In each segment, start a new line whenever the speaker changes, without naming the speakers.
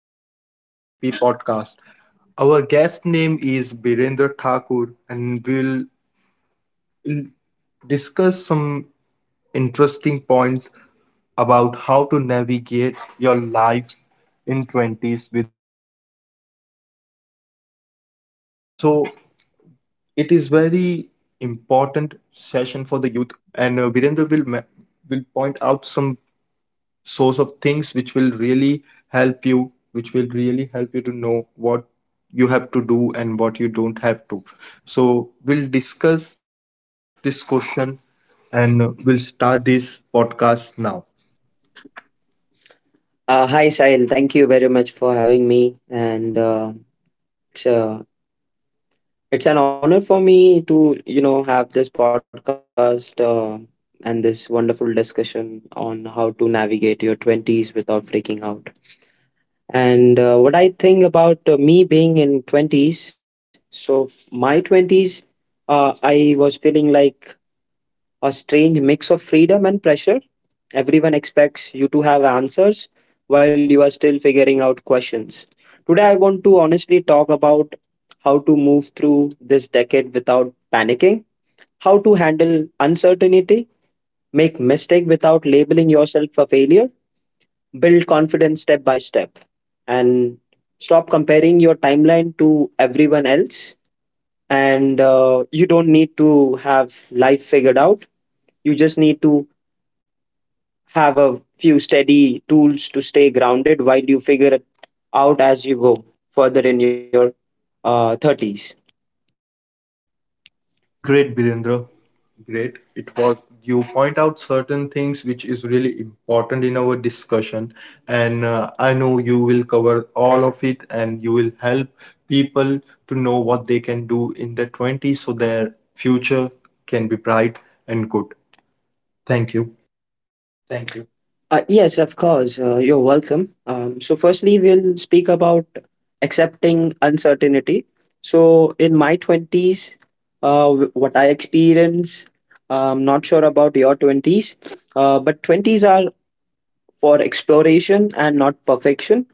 Welcome to the TP podcast. Our guest name is Birendra Thakur, and we'll discuss some interesting points about how to navigate your life in 20s without freaking out. So, it is very important session for the youth, and Virendra will point out some source of things which will really help you to know what you have to do and what you don't have to, so we'll discuss this question, and we'll start this podcast now.
Hi, Sahil, thank you very much for having me, and it's uh, it's an honor for me to have this podcast, and this wonderful discussion on how to navigate your twenties without freaking out. And what I think about me being in twenties, so my twenties, I was feeling like a strange mix of freedom and pressure. Everyone expects you to have answers while you are still figuring out questions. Today, I want to honestly talk about how to move through this decade without panicking, how to handle uncertainty, make mistake without labeling yourself a failure, build confidence step by step, and stop comparing your timeline to everyone else. And you don't need to have life figured out. You just need to have a few steady tools to stay grounded while you figure it out as you go further in your 30s.
Great, Birendra. Great. It was, you point out certain things which is really important in our discussion, and I know you will cover all of it, and you will help people to know what they can do in their 20s so their future can be bright and good. Thank you.
Thank you. Yes, of course. You're welcome. So, firstly, we'll speak about accepting uncertainty. So, in my 20s, what I experience, I'm not sure about your 20s, but 20s are for exploration and not perfection.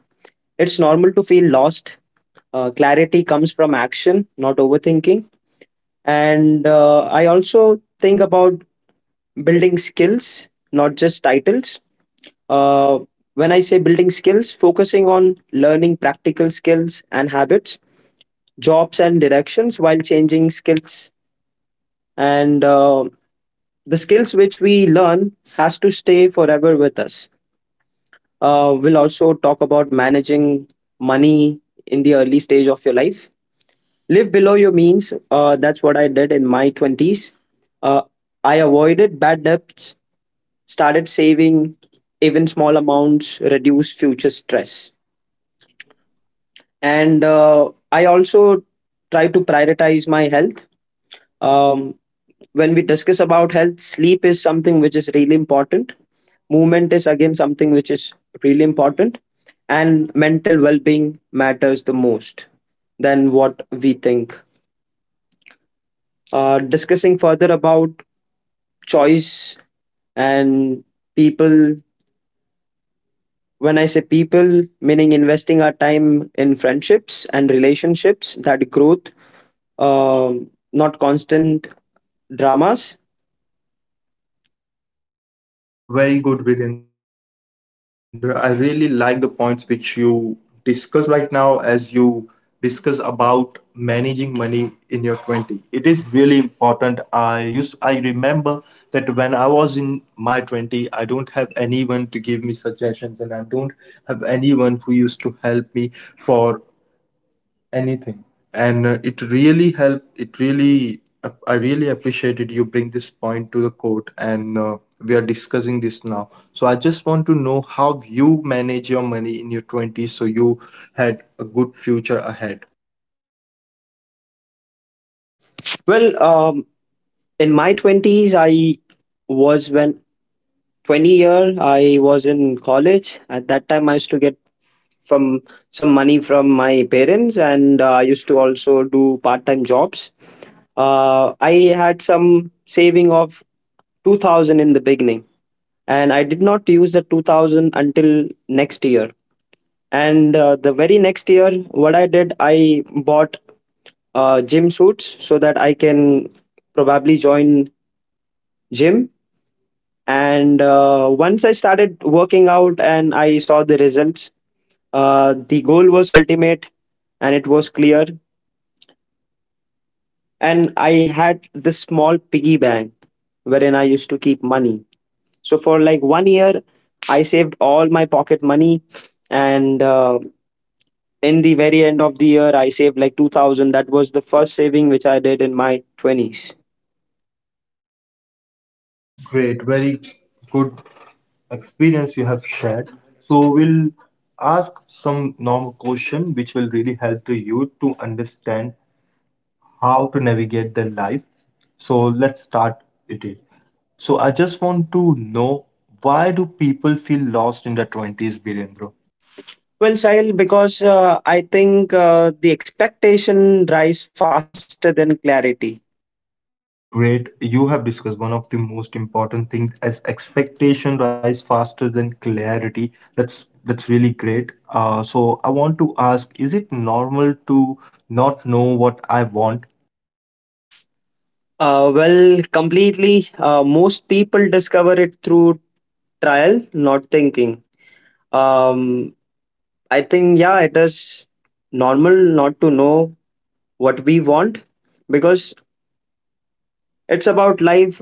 It's normal to feel lost, uh, comes from action not overthinking. And I also think about building skills, not just titles. uh, when I say building skills, focusing on learning practical skills and habits, jobs and directions while changing skills. And the skills which we learn has to stay forever with us. We'll also talk about managing in the early stage of your life. Live below your means. That's what I did in my 20s. Uh, I avoided bad debts, started saving even small amounts, reduce future stress. And I also try to prioritize my health. Um, when we discuss about health, sleep is something which is really important. Movement is again something which is really important. And mental well being matters the most than what we think. Discussing further about choice and people, when I say people, meaning investing our time in friendships and relationships that growth, um, not constant dramas.
Very good, Virendra. I really like the points which you discuss right now. As you discuss about managing money in your 20, it is really important. I remember that when I was in my 20, I don't have anyone to give me suggestions, and I don't have anyone who used to help me for anything, and it really helped, I really appreciated you bring this point to the court, and we are discussing this now, so I just want to know how you manage your money in your 20s so you had a good future ahead.
Well, in my 20s I was when 20 year I was in college, at that time I used to get from some money from my parents, and I used to also do part time jobs. I had some saving of 2000 in the beginning, and I did not use the 2000 until next year. And the very next year, what I did, I bought gym suits so that I can probably join gym. And once I started working out and I saw the results, the goal was ultimate and it was clear. And I had this small piggy bank wherein I used to keep money. So for like 1 year, I saved all my pocket money, and in the very end of the year I saved like 2000. That was the first saving which I did in my 20s.
Great, very good experience you have shared. So we'll ask some normal question which will really help the youth to understand how to navigate their life. So let's start it. Is. So I just want to know, why do people feel lost in their 20s, Birendra?
Well, Sahil, because I think the expectation rise faster than clarity.
Great. You have discussed one of the most important things as expectation rise faster than clarity. That's really great. So I want to ask, is it normal to not know what I want?
Well, completely. Most people discover it through trial, not thinking. um, I think, yeah, it is normal not to know what we want, because it's about life.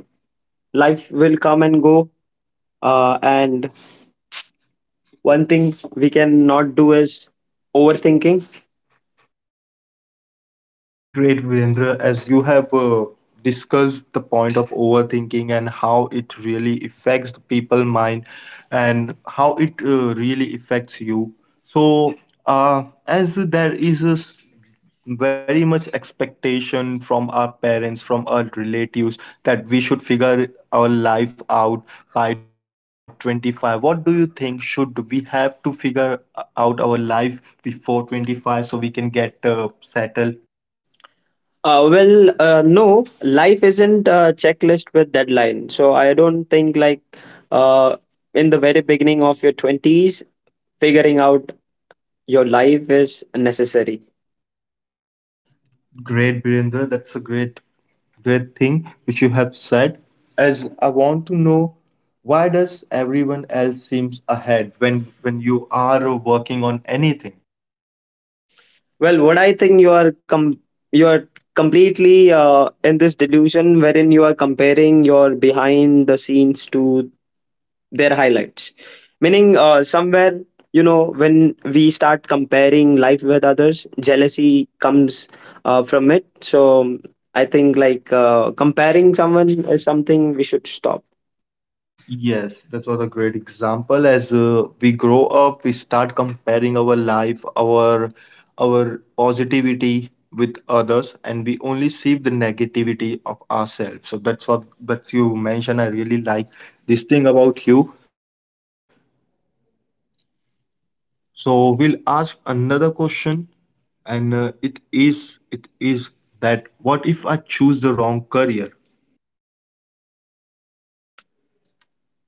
Life will come and go. And one thing we can not do is overthinking.
Great, Virendra. As you have discussed the point of overthinking and how it really affects the people mind and how it really affects you. So, as there is very much expectation from our parents, from our relatives that we should figure our life out by 25. What do you think? Should we have to figure out our life before 25 so we can get settled?
No, life isn't a checklist with deadline. So I don't think like uh, in the very beginning of your 20s, figuring out your life is necessary.
Great, Birendra. That's a great thing which you have said. As I want to know, why does everyone else seems ahead when you are working on anything?
Well, what I think, you are completely in this delusion wherein you are comparing your behind the scenes to their highlights, meaning somewhere, when we start comparing life with others, jealousy comes from it. So I think like comparing someone is something we should stop.
Yes, that's what a great example. As we grow up, we start comparing our life, our positivity with others, and we only see the negativity of ourselves. So that's you mentioned. I really like this thing about you. So we'll ask another question, and it is that what if I choose the wrong career?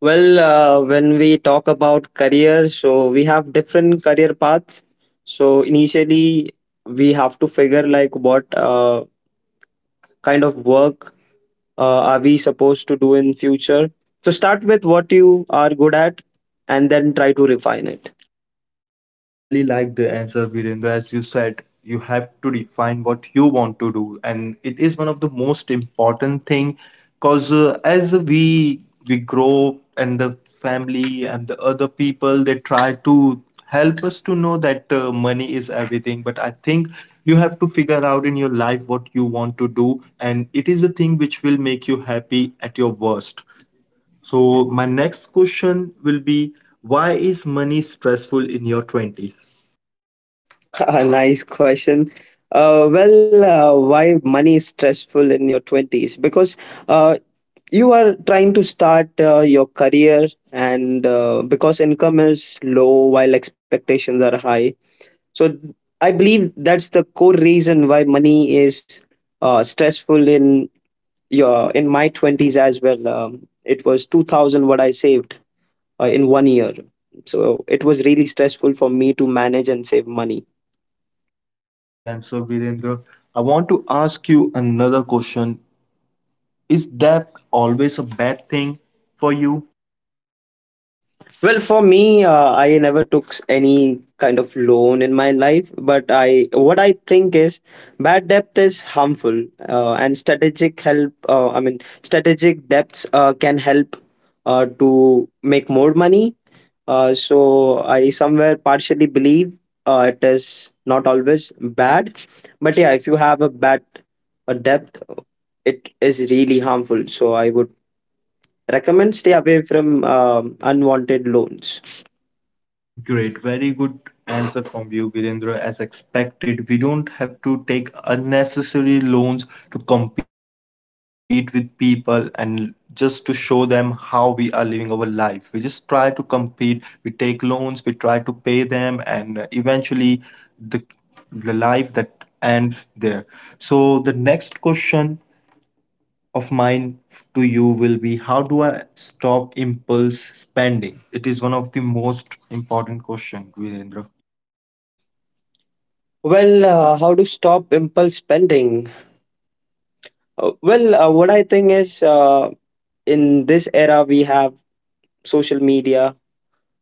Well, when we talk about career, so we have different career paths. So initially we have to figure like what kind of work uh, are we supposed to do in future. So start with what you are good at and then try to refine it.
I really like the answer, Virendra. As you said, you have to define what you want to do, and it is one of the most important thing. Cause as we grow, and the family and the other people, they try to help us to know that money is everything. But I think you have to figure out in your life what you want to do, and it is the thing which will make you happy at your worst. So my next question will be, why is money stressful in your twenties?
A nice question. Why money is stressful in your 20s? Because uh, you are trying to start your career, and because income is low while expectations are high. So, I believe that's the core reason why money is stressful in your in my 20s as well. It was 2000 what I saved in 1 year. So it was really stressful for me to manage and save money.
Great answer, Virendra. I want to ask you another question. Is debt always a bad thing for you?
Well, for me, I never took any kind of loan in my life, but I what I think is bad debt is harmful, and strategic help. I mean, strategic debts can help to make more money. So I somewhere partially believe it is not always bad, but yeah, if you have a bad a debt, it is really harmful. So I would recommend stay away from unwanted loans.
Great, very good answer from you, Virendra. As expected, we don't have to take unnecessary loans to compete with people and just to show them how we are living our life. We just try to compete, we take loans, we try to pay them, and eventually the, the life that ends there. So, the next question of mine to you will be, how do I stop impulse spending? It is one of the most important question, Virendra.
How to stop impulse spending? What I think is, in this era we have social media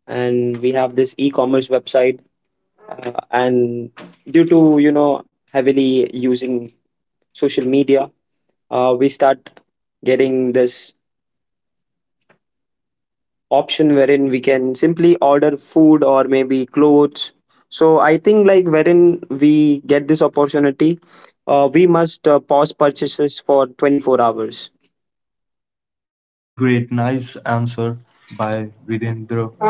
and we have this e-commerce website, and due to heavily using social media, we start getting this option wherein we can simply order food or maybe clothes. So I think like wherein we get this opportunity, we must pause purchases for 24 hours.
Great, nice answer by Virendra.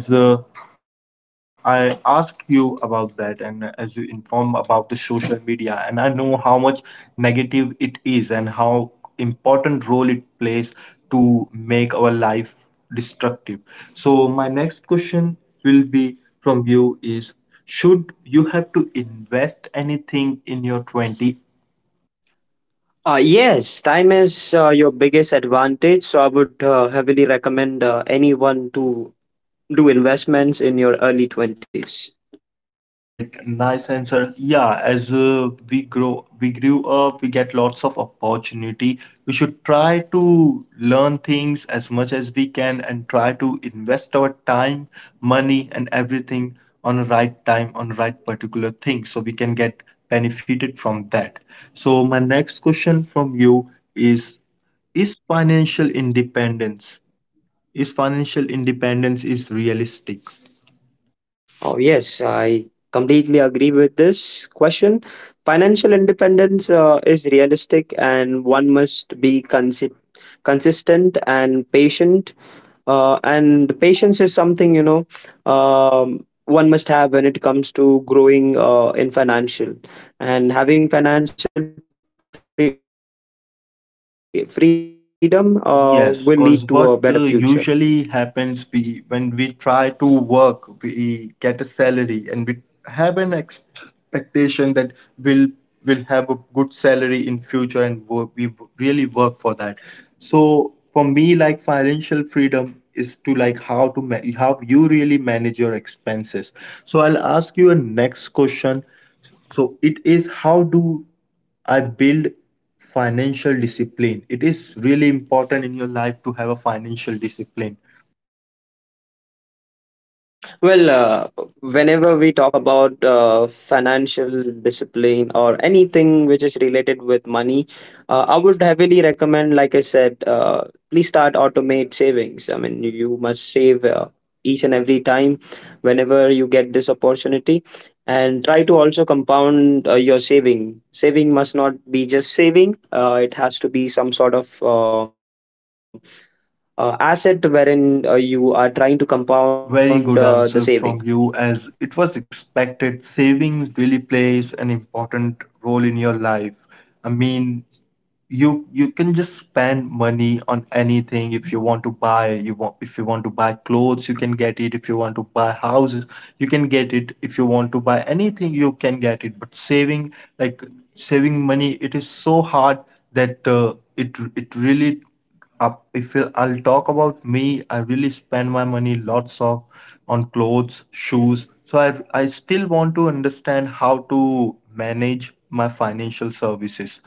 As I asked you about that, and as you inform about the social media, and I know how much negative it is and how important role it plays to make our life destructive. So my next question will be from you is, should you have to invest anything in your 20?
Yes, time is your biggest advantage, so I would heavily recommend anyone to do investments in your early 20s.
Great, nice answer. Yeah, as, we grew up, we get lots of opportunity. We should try to learn things as much as we can and try to invest our time, money, and everything on the right time, on right particular thing, so we can get benefited from that. So my next question from you is: Is financial independence is financial independence is realistic?
Oh, yes, I completely agree with this question. Financial independence is realistic, and one must be consistent and patient. And patience is something, you know, one must have when it comes to growing in financial. And having financial freedom will lead to a better future.
Yes, because what usually happens, when we try to work, we get a salary, and we have an expectation that we'll will have a good salary in future, and really work for that. So for me, like, financial freedom is to, like, how you really manage your expenses. So I'll ask you a next question. So it is, how do I build financial discipline? It is really important in your life to have a financial discipline.
Well, uh, Whenever we talk about financial discipline or anything which is related with money, I would heavily recommend, like I said, please start automate savings. I mean, you must save each and every time whenever you get this opportunity, and try to also compound your saving. Saving must not be just saving; it has to be some sort of asset wherein you are trying to compound
Very
the
good
saving.
answer from you, as it was expected. Savings really plays an important role in your life. I mean, you can just spend money on anything. If you want to buy, you want if you want to buy clothes, you can get it. If you want to buy houses, you can get it. If you want to buy anything, you can get it. But saving, like, saving money, it is so hard that it it really up. If I'll talk about me, I really spend my money lots of on clothes, shoes. So I still want to understand how to manage my financial services.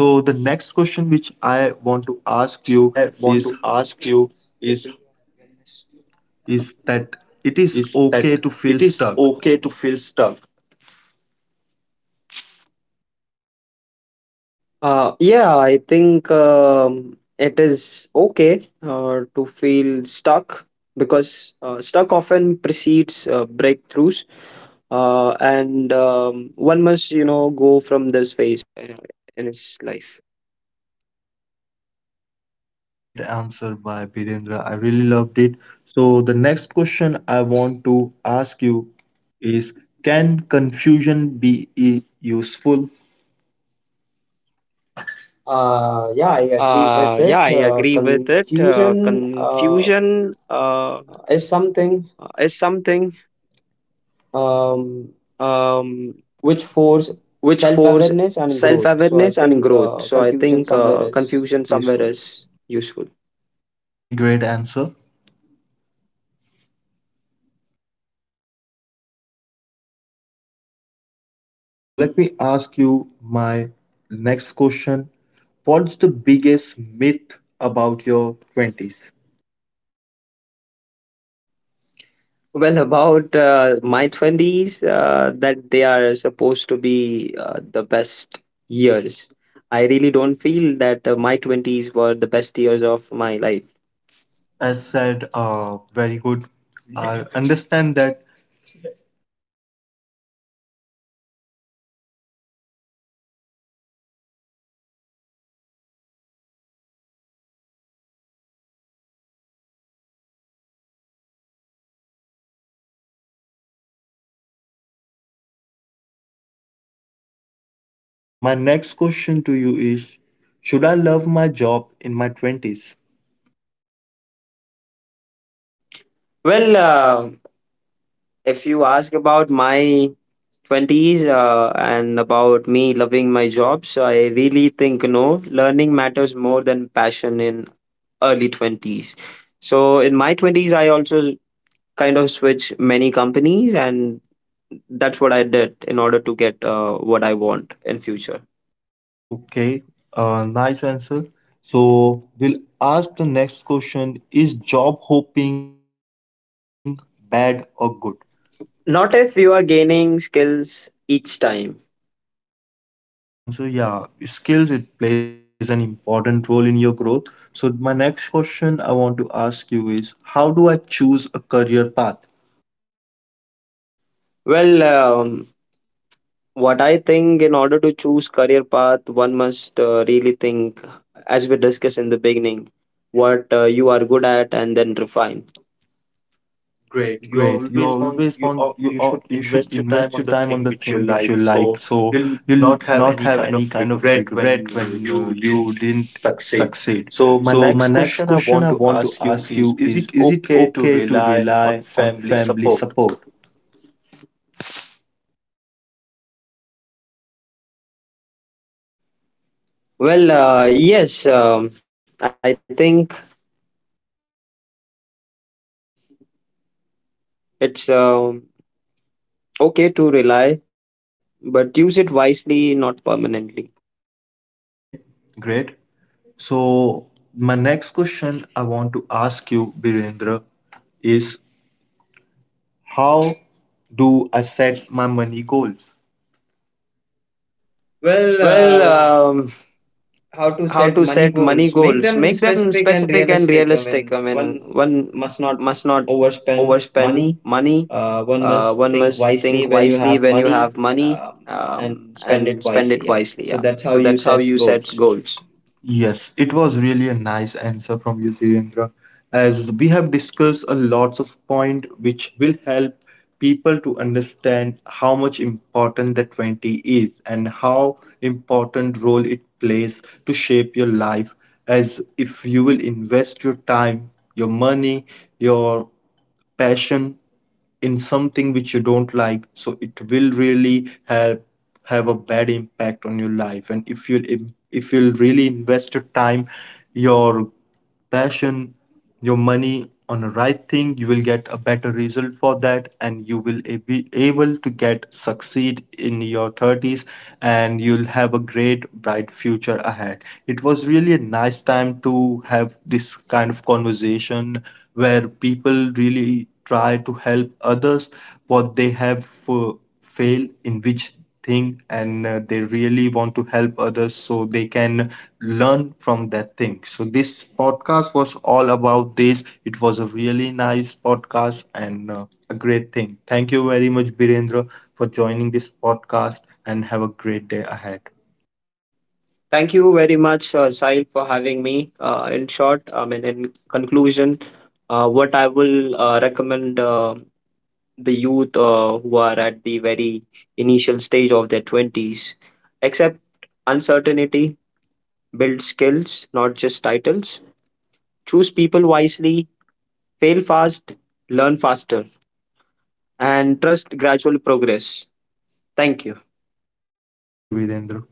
So the next question which I want to ask you is is that it is okay to feel stuck.
Yeah, I think it is okay to feel stuck, because stuck often precedes breakthroughs, and one must, you know, go from
Great answer by Birendra. I really loved it. So the next question I want to ask you is, can confusion be useful? Yeah, I agree with it. Confusion is something. Um, which force self awareness and growth. So I think
growth. So I
confusion
think
somewhere is
confusion somewhere
useful.
is useful.
Okay, great answer. So let me ask you my next question. What's the biggest myth about your 20s?
Well, about my 20s, that they are supposed to be the best years. I really don't feel that my 20s were the best years of my life.
As said, very good. I understand that. My next question to you is, should I love my job in my 20s?
Well, uh, if you ask about my 20s and about me loving my job, so I really think no, learning matters more than passion in early 20s. In my 20s, I also kind of switch many companies and that's what I did in order to get what I want in future.
Okay, nice answer. So we'll ask the next question, is job hopping bad or good?
Not if you are gaining skills each time.
Great answer. Yeah, skills, it plays an important role in your growth. So my next question I want to ask you is, how do I choose a career path?
Well, what I think in order to choose career path, one must really think, as we discussed in the beginning, what you are good at and then refine.
Great. You always want, you should invest your time on the thing which you like, so you'll not have any kind of regret when you didn't succeed. So my next question I want to ask you is it okay to rely on family support?
Yes, I think it's okay to rely, but use it wisely, not permanently.
Okay, great. So my next question I want to ask you, Birendra, is, how do I set my money goals? Well,
well
um,
um,
how to
how
set
to
money
set money
goals? Make
goals?
them
Make them
specific and
specific and
realistic. I
realistic. I
mean,
mean,
one
one
must not
must not
overspend
overspend
money.
money.
One must
One
think
must
wisely
think
when you
wisely
have
when you
money,
have money,
um, and spend it
and spend
wisely. Yeah.
it
So
wisely. Yeah.
that's how
So
you
that's how
set
you
goals.
set goals.
Yes, it was really a nice answer from you, Dhirendra, as we have discussed a lots of point which will help people to understand how much important the 20 is and how important role it plays to shape your life. As if you will invest your time, your money, your passion in something which you don't like, so it will really help have a bad impact on your life. And if you if you'll really invest your time, your passion, your money on the right thing, you will get a better result for that, and you will be able to get succeed in your 30s, and you'll have a great bright future ahead. It was really a nice time to have this kind of conversation where people really try to help others what they have failed in which thing, and they really want to help others so they can learn from that thing. So, this podcast was all about this. It was a really nice podcast, and a great thing. Thank you very much, Birendra, for joining this podcast and have a great day ahead.
Thank you very much, Sahil, for having me. In short, I mean, in conclusion, what I will recommend, the youth who are at the very initial stage of their 20s. Accept uncertainty, build skills, not just titles. Choose people wisely, fail fast, learn faster, and trust gradual progress. Thank you.
Thank you, Virendra.